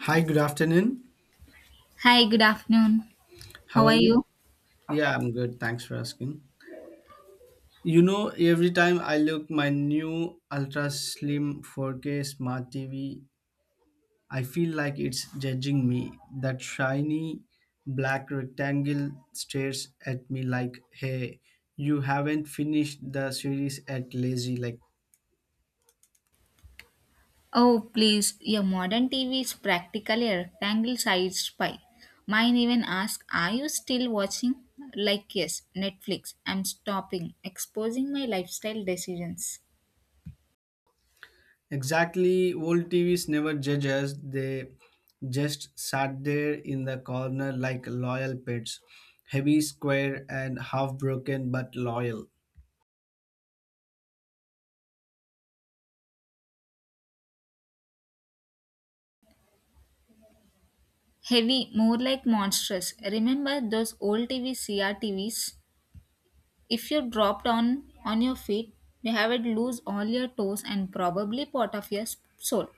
Hi, good afternoon. Hi, good afternoon. How How are are you? you? Yeah, I'm good. Thanks for asking. You know, every time I look my new ultra slim 4K smart TV, I feel like it's judging me. That shiny black rectangle stares at me like, "Hey, you haven't finished the series at lazy like" Oh, please, your modern TV is practically a rectangle sized pie. Mine even asks, are you still watching? Like, yes, Netflix. I'm stopping, exposing my lifestyle decisions. Exactly, old TVs never judge us. They just sat there in the corner like loyal pets, heavy, square, and half broken but loyal. Heavy, more like monstrous. Remember those old TV CRTVs? If you drop down on your feet, you have it lose all your toes and probably part of your soul.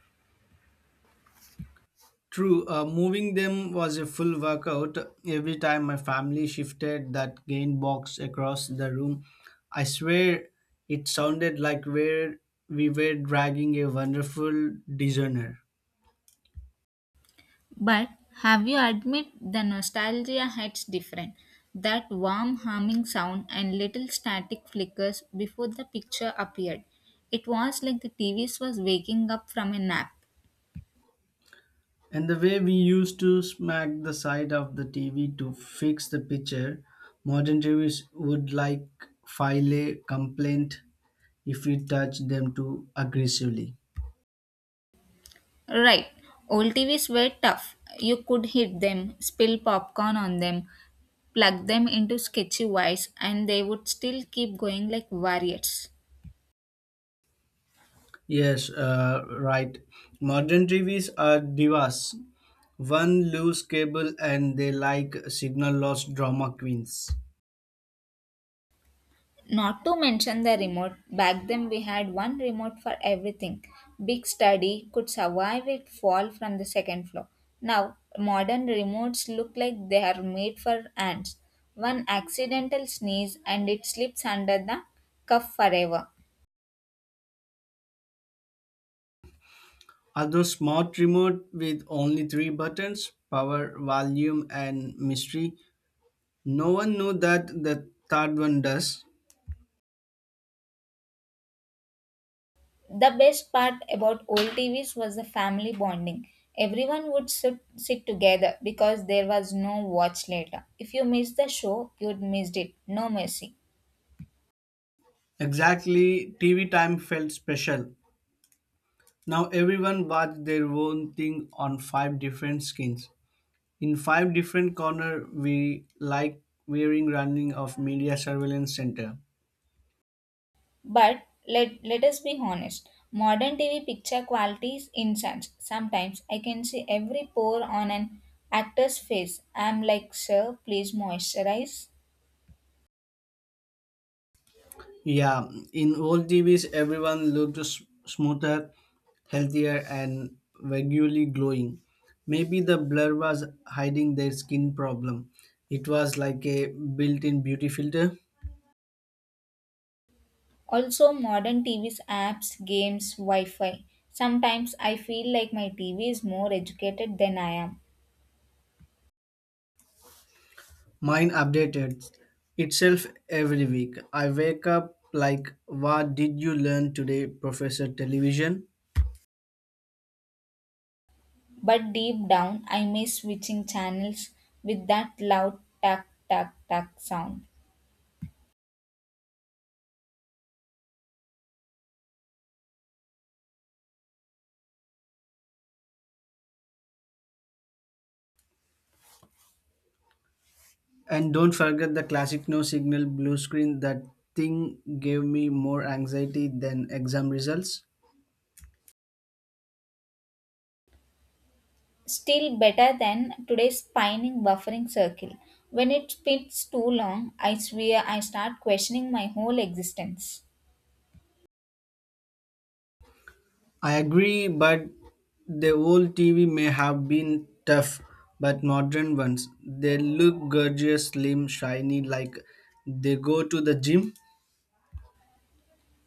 True, moving them was a full workout. Every time my family shifted that gain box across the room, I swear it sounded like where we were dragging a wonderful designer. But have you admit the nostalgia hits different? That warm humming sound and little static flickers before the picture appeared. It was like the TVs was waking up from a nap. And the way we used to smack the side of the TV to fix the picture, modern TVs would like file a complaint if we touch them too aggressively. Right. Old TVs were tough. You could hit them, spill popcorn on them, plug them into sketchy wires, and they would still keep going like warriors. Yes, right. Modern TVs are divas. One loose cable and they like signal loss drama queens. Not to mention the remote, back then we had one remote for everything. Big study could survive it fall from the second floor. Now, modern remotes look like they are made for ants. One accidental sneeze and it slips under the cuff forever. Although smart remote with only three buttons, power, volume and mystery, no one knew that the third one does. The best part about old TVs was the family bonding. Everyone would sit together because there was no watch later. If you missed the show, you'd missed it. No mercy. Exactly, TV time felt special. Now everyone watched their own thing on five different skins. In five different corner, we like wearing running of media surveillance center. But let us be honest. Modern TV picture quality is insane. Sometimes I can see every pore on an actor's face. I'm like, sir, please moisturize. Yeah, in old TVs, everyone looked smoother, healthier, and vaguely glowing. Maybe the blur was hiding their skin problem. It was like a built-in beauty filter. Also, modern TV's apps, games, Wi-Fi. Sometimes I feel like my TV is more educated than I am. Mine updated itself every week. I wake up like, "What did you learn today, Professor Television?" But deep down, I miss switching channels with that loud tack, tack, tack sound. And don't forget the classic no signal blue screen. That thing gave me more anxiety than exam results. Still better than today's spinning buffering circle. When it spins too long, I swear I start questioning my whole existence. I agree, but the old TV may have been tough, but modern ones, they look gorgeous, slim, shiny, like they go to the gym.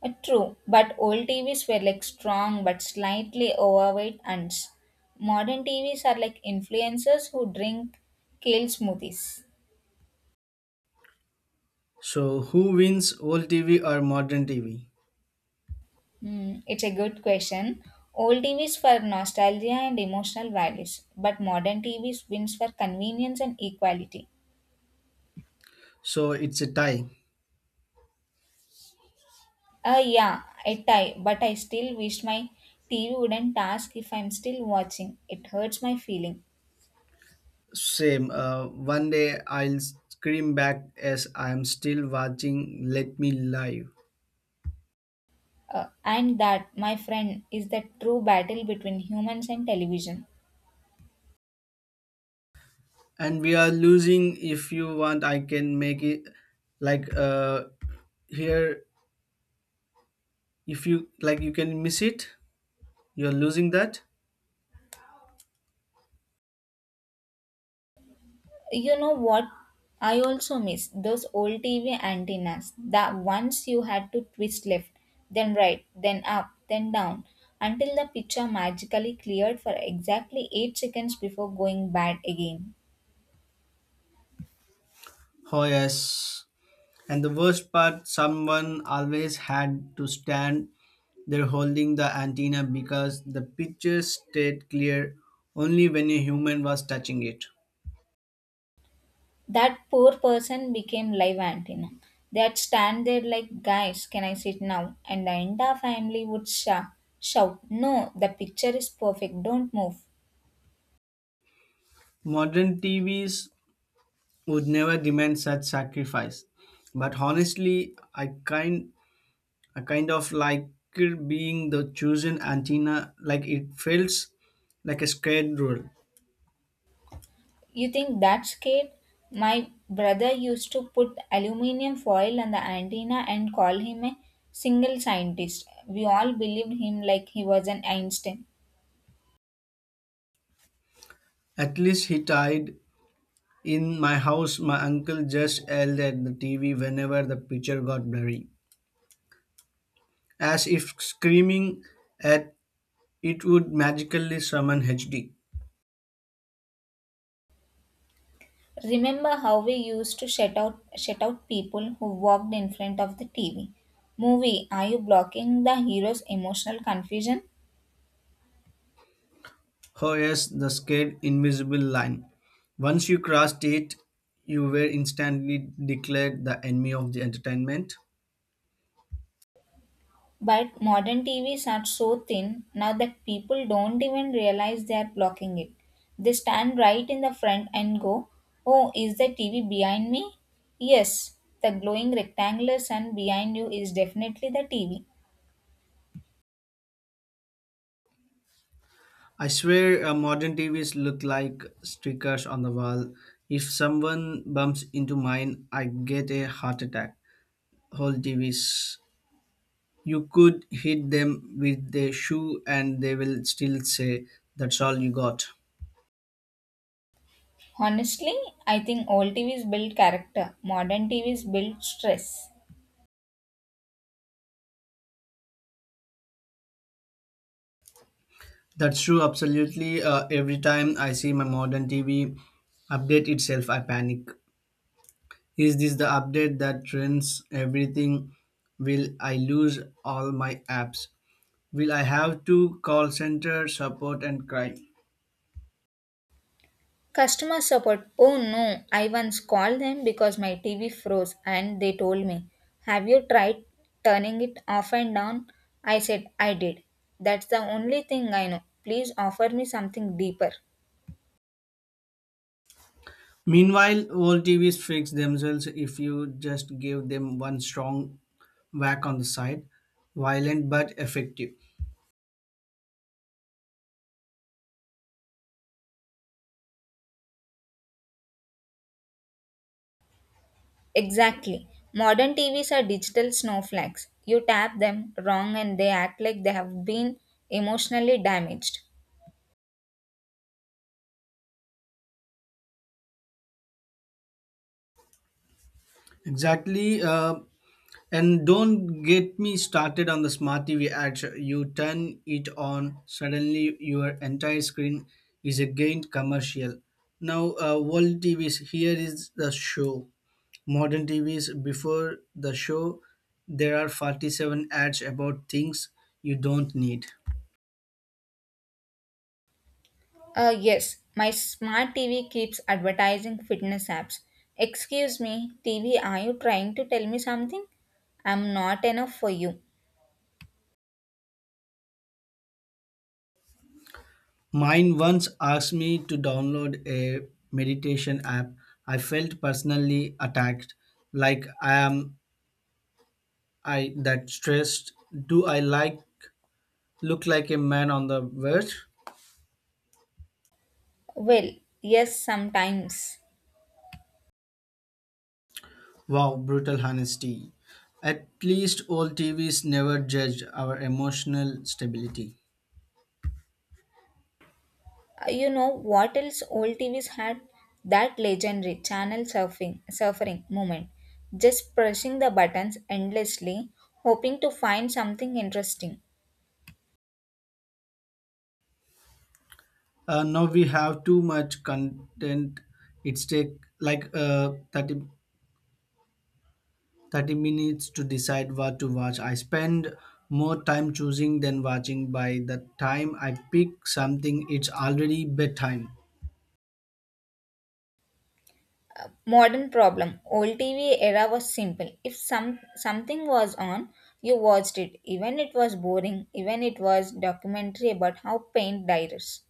True, but old TVs were like strong but slightly overweight ants. Modern TVs are like influencers who drink kale smoothies. So, who wins old TV or modern TV? It's a good question. Old TVs for nostalgia and emotional values, but modern TVs wins for convenience and equality. So, it's a tie. Yeah, but I still wish my TV wouldn't ask if I'm still watching. It hurts my feeling. Same. One day I'll scream back as I'm still watching. Let me live. And that, my friend, is the true battle between humans and television. And we are losing. If you want, I can make it like here. If you like, you can miss it. You're losing that. You know what? I also miss those old TV antennas. The ones you had to twist left, then right, then up, then down, until the picture magically cleared for exactly 8 seconds before going bad again. Oh yes. And the worst part, someone always had to stand there holding the antenna because the picture stayed clear only when a human was touching it. That poor person became live antenna. They'd stand there like, guys, can I sit now? And the entire family would shout, no, the picture is perfect, don't move. Modern TVs would never demand such sacrifice. But honestly, I kind of like it being the chosen antenna, like it feels like a scared rule. You think that's kid? My brother used to put aluminium foil on the antenna and call him a single scientist. We all believed him like he was an Einstein. At least he tied, in my house my uncle just yelled at the TV whenever the picture got blurry. As if screaming at it would magically summon HD. Remember how we used to shut out people who walked in front of the TV? Movie, are you blocking the hero's emotional confusion? Oh yes, the scared invisible line. Once you crossed it, you were instantly declared the enemy of the entertainment. But modern TVs are so thin now that people don't even realize they are blocking it. They stand right in the front and go, oh, is the TV behind me? Yes, the glowing rectangular sun behind you is definitely the TV. I swear modern TVs look like stickers on the wall. If someone bumps into mine, I get a heart attack. Whole TVs. You could hit them with a shoe and they will still say, "That's all you got." Honestly, I think old TVs build character, modern TVs build stress. That's true, absolutely. Every time I see my modern TV update itself, I panic. Is this the update that trends everything? Will I lose all my apps? Will I have to call center support and cry? Customer support. Oh no, I once called them because my TV froze and they told me, have you tried turning it off and down? I said, I did. That's the only thing I know. Please offer me something deeper. Meanwhile, old TVs fix themselves if you just give them one strong whack on the side, violent but effective. Exactly. Modern TVs are digital snowflakes. You tap them wrong and they act like they have been emotionally damaged. Exactly. And don't get me started on the smart TV ads. You turn it on, suddenly your entire screen is again commercial. Now, world TVs, here is the show. Modern TVs, before the show, there are 47 ads about things you don't need. Yes, my smart TV keeps advertising fitness apps. Excuse me, TV, are you trying to tell me something? I'm not enough for you. Mine once asked me to download a meditation app. I felt personally attacked. Like I am, I that stressed. Do I like look like a man on the verge? Well, yes, sometimes. Wow, brutal honesty. At least old TVs never judged our emotional stability. You know what else old TVs had? That legendary channel surfing moment. Just pressing the buttons endlessly, hoping to find something interesting. Now we have too much content. It's take like uh, 30 30 minutes to decide what to watch. I spend more time choosing than watching. By the time I pick something, it's already bedtime. Modern problem. Old TV era was simple. If something was on, you watched it. Even it was boring. Even it was documentary about how paint dyes.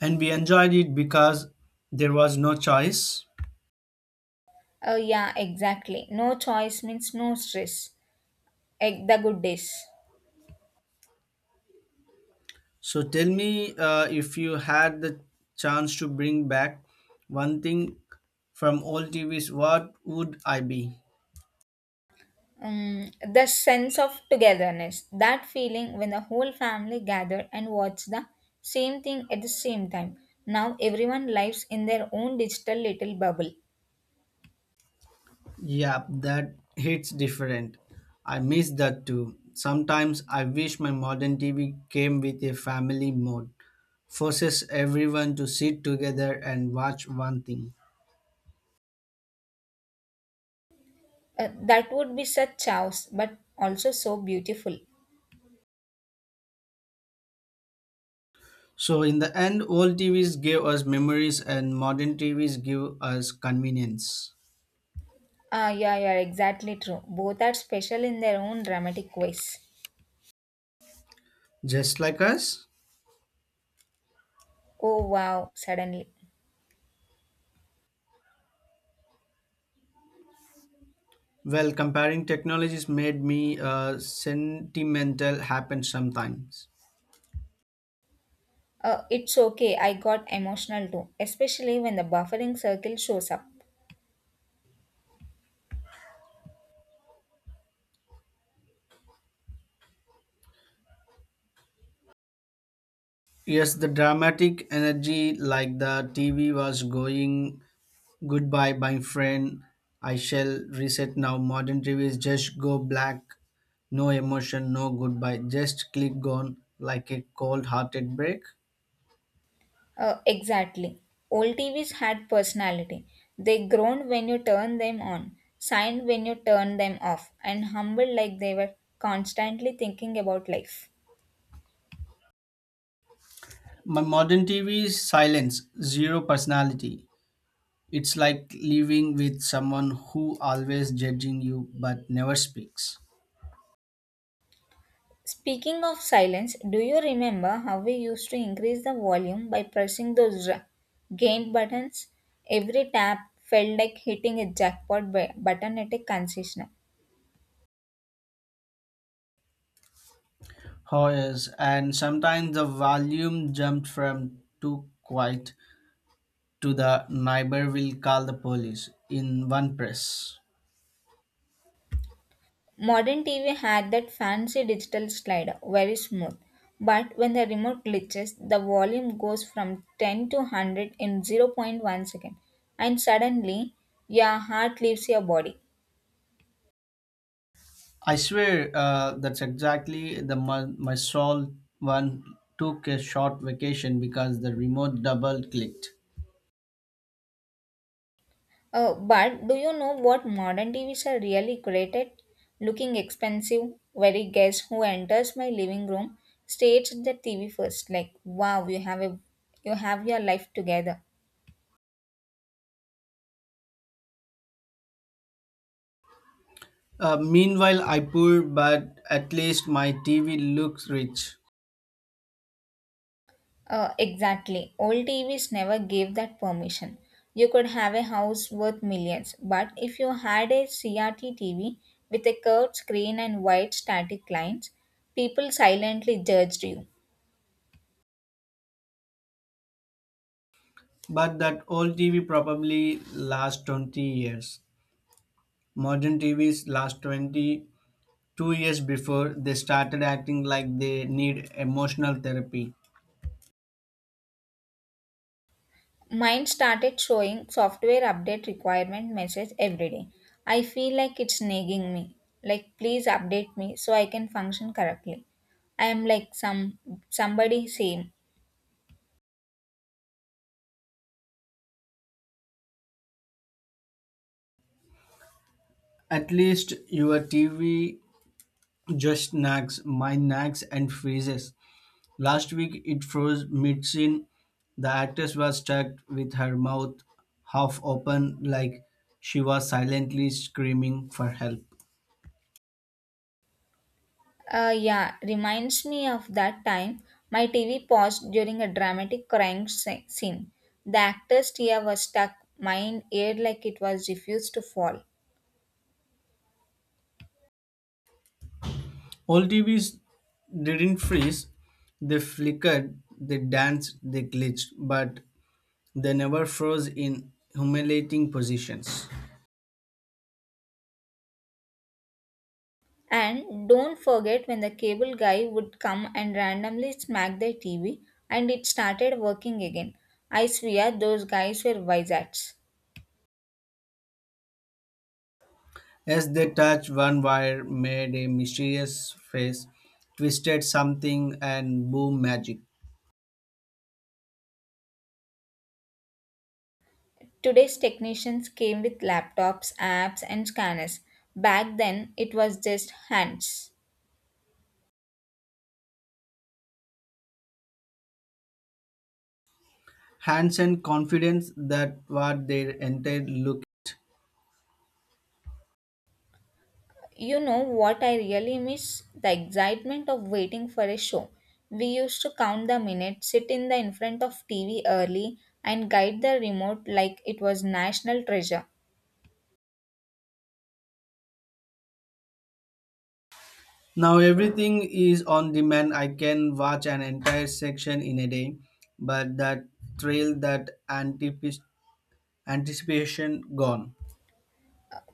And we enjoyed it because there was no choice. Oh yeah, exactly. No choice means no stress. Egg the good days. So tell me, if you had the chance to bring back one thing from old TVs, what would I be? Um, the sense of togetherness. That feeling when the whole family gathered and watched the same thing at the same time. Now everyone lives in their own digital little bubble. Yeah, that hits different. I miss that too. Sometimes I wish my modern TV came with a family mode, forces everyone to sit together and watch one thing. That would be such chaos, but also so beautiful. So in the end, old TVs gave us memories and modern TVs give us convenience. Ah, yeah, yeah, exactly true. Both are special in their own dramatic ways. Just like us? Oh, wow, suddenly. Well, comparing technologies made me, sentimental happen sometimes. It's okay, I got emotional too, especially when the buffering circle shows up. Yes, the dramatic energy like the TV was going goodbye, my friend. I shall reset now. Modern TVs just go black. No emotion, no goodbye. Just click gone like a cold hearted break. Exactly. Old TVs had personality. They groaned when you turned them on, signed when you turned them off, and humbled like they were constantly thinking about life. My modern TV is silence, zero personality. It's like living with someone who always judging you but never speaks. Speaking of silence, do you remember how we used to increase the volume by pressing those gain buttons? Every tap felt like hitting a jackpot button at a consistent. Oh yes, and sometimes the volume jumped from too quiet to the neighbor will call the police in one press. Modern TV had that fancy digital slider, very smooth. But when the remote glitches, the volume goes from 10 to 100 in zero point 0.1 second, and suddenly your heart leaves your body. I swear that's exactly the my, soul one took a short vacation because the remote double clicked. But do you know what modern TVs are really created? Looking expensive, very guest who enters my living room stares at the TV first, like wow, you have your life together. Meanwhile, I poor, but at least my TV looks rich. Exactly. Old TVs never gave that permission. You could have a house worth millions, but if you had a CRT TV with a curved screen and white static lines, people silently judged you. But that old TV probably last 20 years. Modern TVs last 20, 2 years before they started acting like they need emotional therapy. Mine started showing software update requirement message every day. I feel like it's nagging me. Like please update me so I can function correctly. I am like somebody same. At least your TV just nags, mine nags and freezes. Last week it froze mid scene. The actress was stuck with her mouth half open, like she was silently screaming for help. Yeah, reminds me of that time my TV paused during a dramatic crying scene. The actor's tear was stuck, mine aired like it was refused to fall. Old TVs didn't freeze, they flickered, they danced, they glitched, but they never froze in humiliating positions. And don't forget when the cable guy would come and randomly smack their TV and it started working again. I swear those guys were wizards. As they touched, one wire made a mysterious face, twisted something, and boom magic. Today's technicians came with laptops, apps, and scanners. Back then, it was just hands. Hansen confidence that what their entire look. You know what I really miss? The excitement of waiting for a show. We used to count the minutes, sit in front of TV early, and guide the remote like it was national treasure. Now everything is on demand. I can watch an entire section in a day, but that thrill, that anticipation, gone.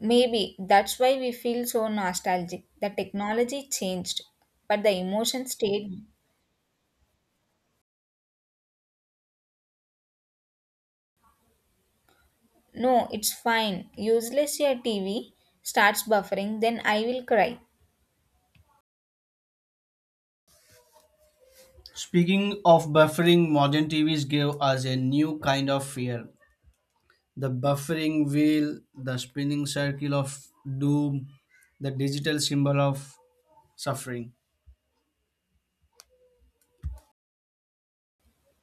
Maybe that's why we feel so nostalgic. The technology changed, but the emotion stayed. No, it's fine. Useless your TV starts buffering, then I will cry. Speaking of buffering, modern TVs give us a new kind of fear. The buffering wheel, the spinning circle of doom, the digital symbol of suffering.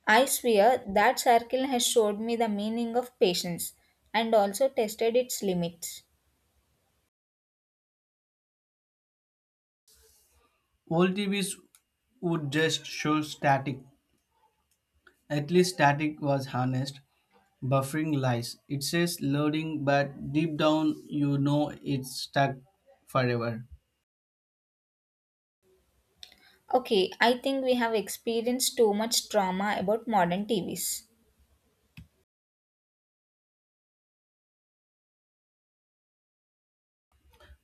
I swear that circle has showed me the meaning of patience and also tested its limits. Old TVs would just show static. At least static was harnessed. Buffering lies. It says loading, but deep down you know it's stuck forever. Okay, I think we have experienced too much trauma about modern TVs.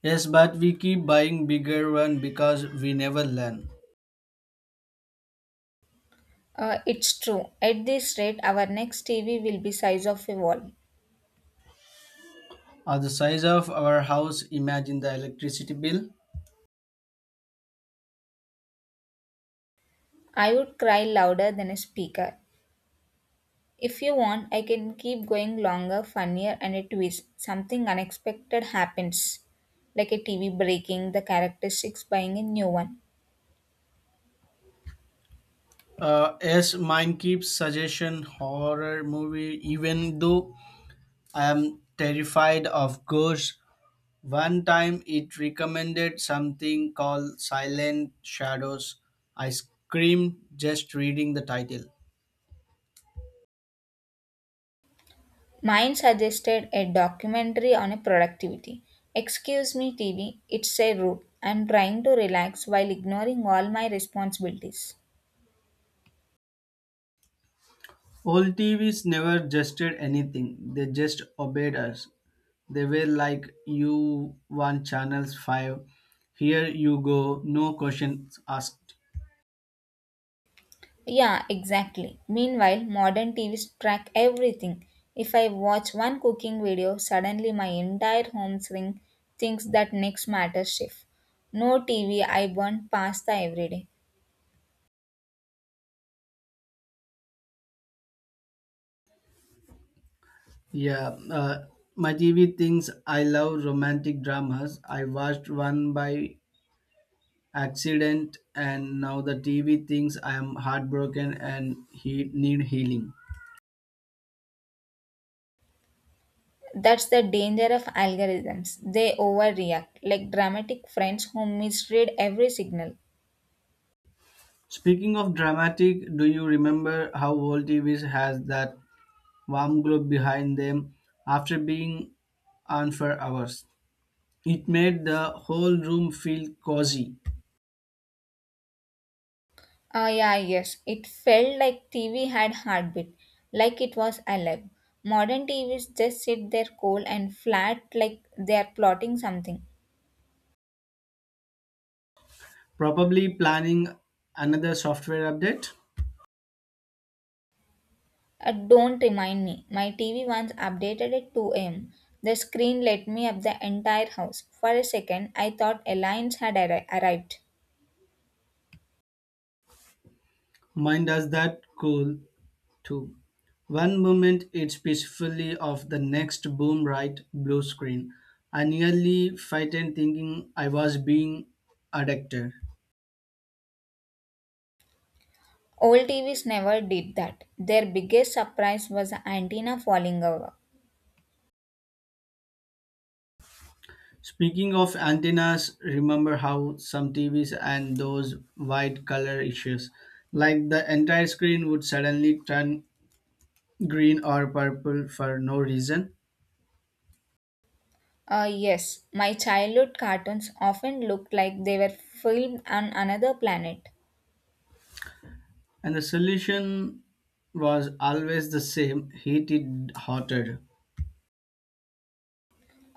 Yes, but we keep buying bigger one because we never learn. It's true. At this rate, our next TV will be size of a wall. Or the size of our house, imagine the electricity bill. I would cry louder than a speaker. If you want, I can keep going longer, funnier, and a twist. Something unexpected happens, like a TV breaking, the characteristics buying a new one. As mine keeps suggestion horror movie, even though I am terrified of ghosts. One time it recommended something called Silent Shadows. I screamed just reading the title. Mine suggested a documentary on a productivity. Excuse me, TV, it's a route. I'm trying to relax while ignoring all my responsibilities. Old TVs never gested anything, they just obeyed us. They were like, "You want channels 5, here you go, no questions asked." Yeah, exactly. Meanwhile, modern TVs track everything. If I watch one cooking video, suddenly my entire home string thinks that next matter shift. No TV, I burn pasta every day. Yeah, my TV thinks I love romantic dramas. I watched one by accident, and now the TV thinks I am heartbroken and he need healing. That's the danger of algorithms. They overreact, like dramatic friends who misread every signal. Speaking of dramatic, do you remember how old TVs has that warm glow behind them after being on for hours? It made the whole room feel cozy. Ah, yeah, yes. It felt like TV had heartbeat, like it was alive. Modern TVs just sit there cold and flat, like they are plotting something. Probably planning another software update. Don't remind me. My TV once updated at 2 am. The screen lit me up the entire house. For a second, I thought aliens had arrived. Mine does that cool two. One moment it's peacefully off, the next boom right blue screen. I nearly frightened thinking I was being addicted. Old TVs never did that. Their biggest surprise was the antenna falling over. Speaking of antennas, remember how some TVs and those white color issues, like the entire screen would suddenly turn green or purple for no reason? Yes, my childhood cartoons often looked like they were filmed on another planet. And the solution was always the same, heat it hotter.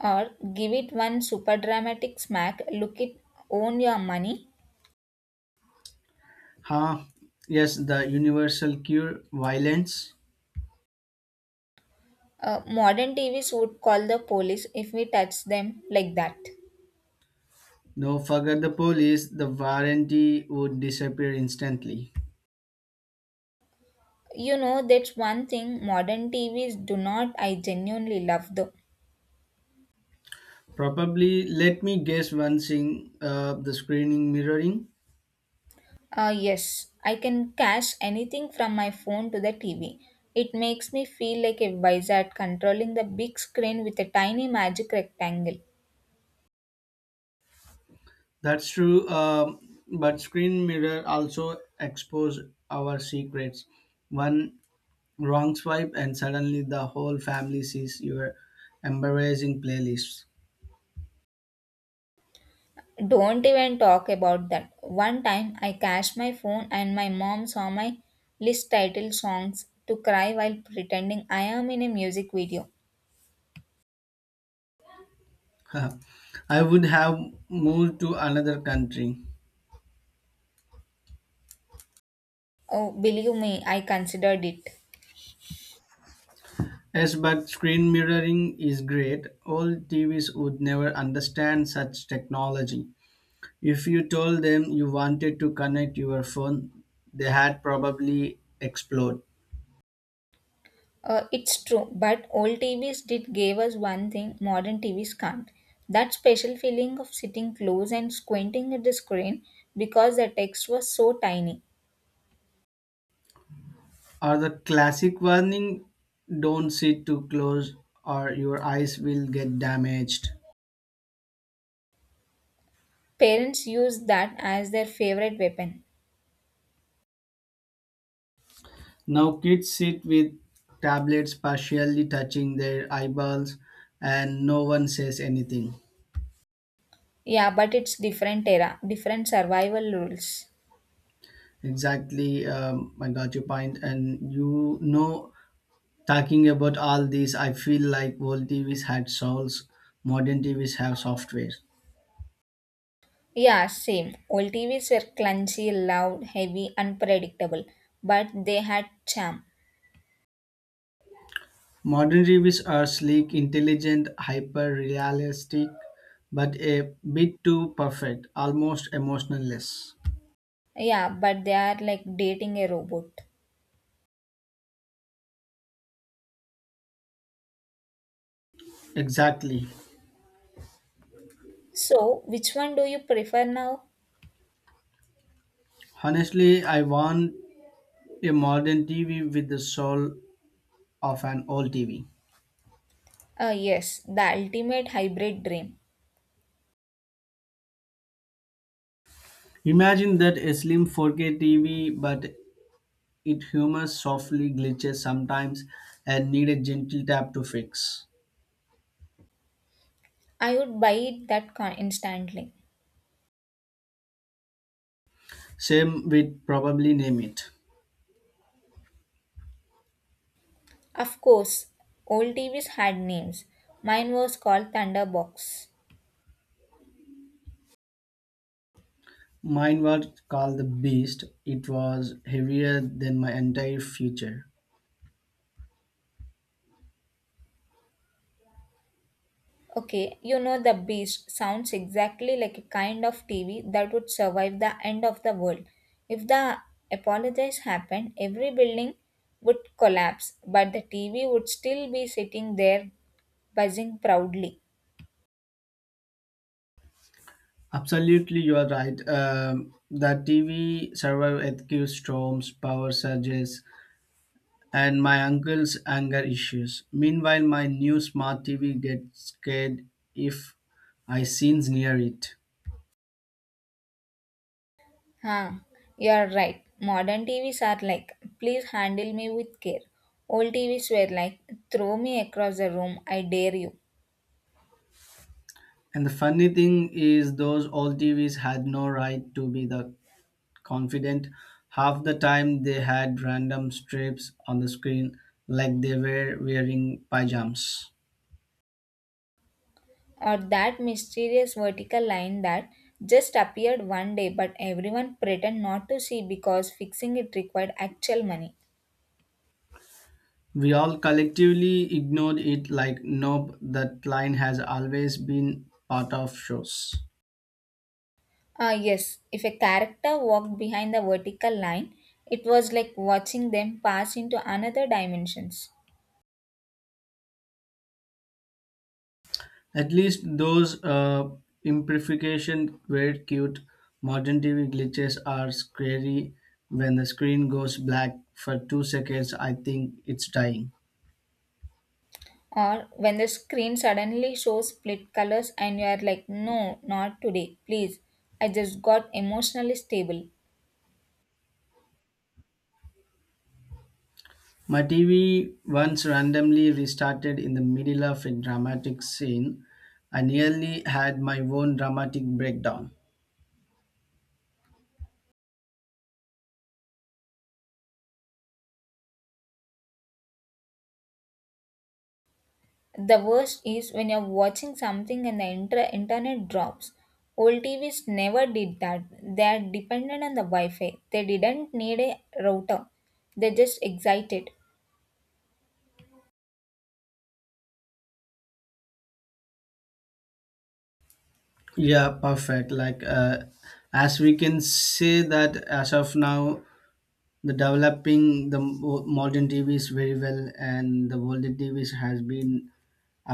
Or give it one super dramatic smack, look it, own your money. Huh? Yes, the universal cure violence. Modern TVs would call the police if we touch them like that. No, forget the police, the warranty would disappear instantly. You know that's one thing modern TVs do not I genuinely love though. Probably, let me guess one thing, the screening mirroring. Yes, I can cache anything from my phone to the TV. It makes me feel like a wizard controlling the big screen with a tiny magic rectangle. That's true, but screen mirror also expose our secrets. One wrong swipe, and suddenly the whole family sees your embarrassing playlists. Don't even talk about that one time I cached my phone and my mom saw my list title songs to cry while pretending I am in a music video. I would have moved to another country. Oh, believe me, I considered it. Yes, but screen mirroring is great. Old TVs would never understand such technology. If you told them you wanted to connect your phone, they had probably explode. It's true, but old TVs did give us one thing modern TVs can't. That special feeling of sitting close and squinting at the screen because the text was so tiny. Or the classic warning, don't sit too close or your eyes will get damaged. Parents used that as their favorite weapon. Now kids sit with tablets partially touching their eyeballs and no one says anything. Yeah, but it's different era, different survival rules. Exactly, I got your point and you know Talking about all these, I feel like old TVs had souls, modern TVs have software. Yeah, same. Old TVs were clunky, loud, heavy, unpredictable, but they had charm. Modern TVs are sleek, intelligent, hyper realistic, but a bit too perfect, almost emotionless. Yeah, but they are like dating a robot. Exactly. So, which one do you prefer now? Honestly, I want a modern TV with the soul of an old TV. Yes, the ultimate hybrid dream. Imagine that a slim 4K TV, but it humors softly glitches sometimes and need a gentle tap to fix. I would buy it that instantly. Same, we'd probably name it. Of course, old TVs had names. Mine was called Thunderbox. Mine was called the Beast. It was heavier than my entire future. Okay, you know the beast sounds exactly like a kind of TV that would survive the end of the world. If the apologize happened, every building would collapse, but the TV would still be sitting there buzzing proudly. Absolutely, you are right. The TV survived earthquake storms, power surges, and my uncle's anger issues. Meanwhile, my new smart TV gets scared if I scenes near it. Huh, you're right. Modern TVs are like, please handle me with care. Old TVs were like, throw me across the room, I dare you. And the funny thing is, those old TVs had no right to be the confident. Half the time they had random strips on the screen like they were wearing pajamas. Or that mysterious vertical line that just appeared one day but everyone pretend not to see because fixing it required actual money. We all collectively ignored it like nope, that line has always been part of shows. Ah, yes, if a character walked behind the vertical line, it was like watching them pass into another dimensions. At least those, imperfection were cute. Modern TV glitches are scary. When the screen goes black for 2 seconds, I think it's dying. Or when the screen suddenly shows split colors and you are like, no, not today, please. I just got emotionally stable. My TV once randomly restarted in the middle of a dramatic scene. I nearly had my own dramatic breakdown. The worst is when you're watching something and the internet drops. Old TVs never did that. They are dependent on the Wi-Fi. They didn't need a router. They just excited. Yeah, perfect. Like, as we can say that as of now, the developing the modern TVs very well, and the older TVs has been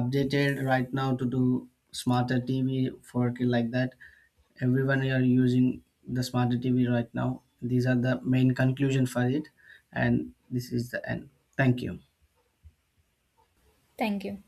updated right now to do smarter TV for kid like that. Everyone are using the smarter TV right now. These are the main conclusion for it, and this is the end. Thank you. Thank you.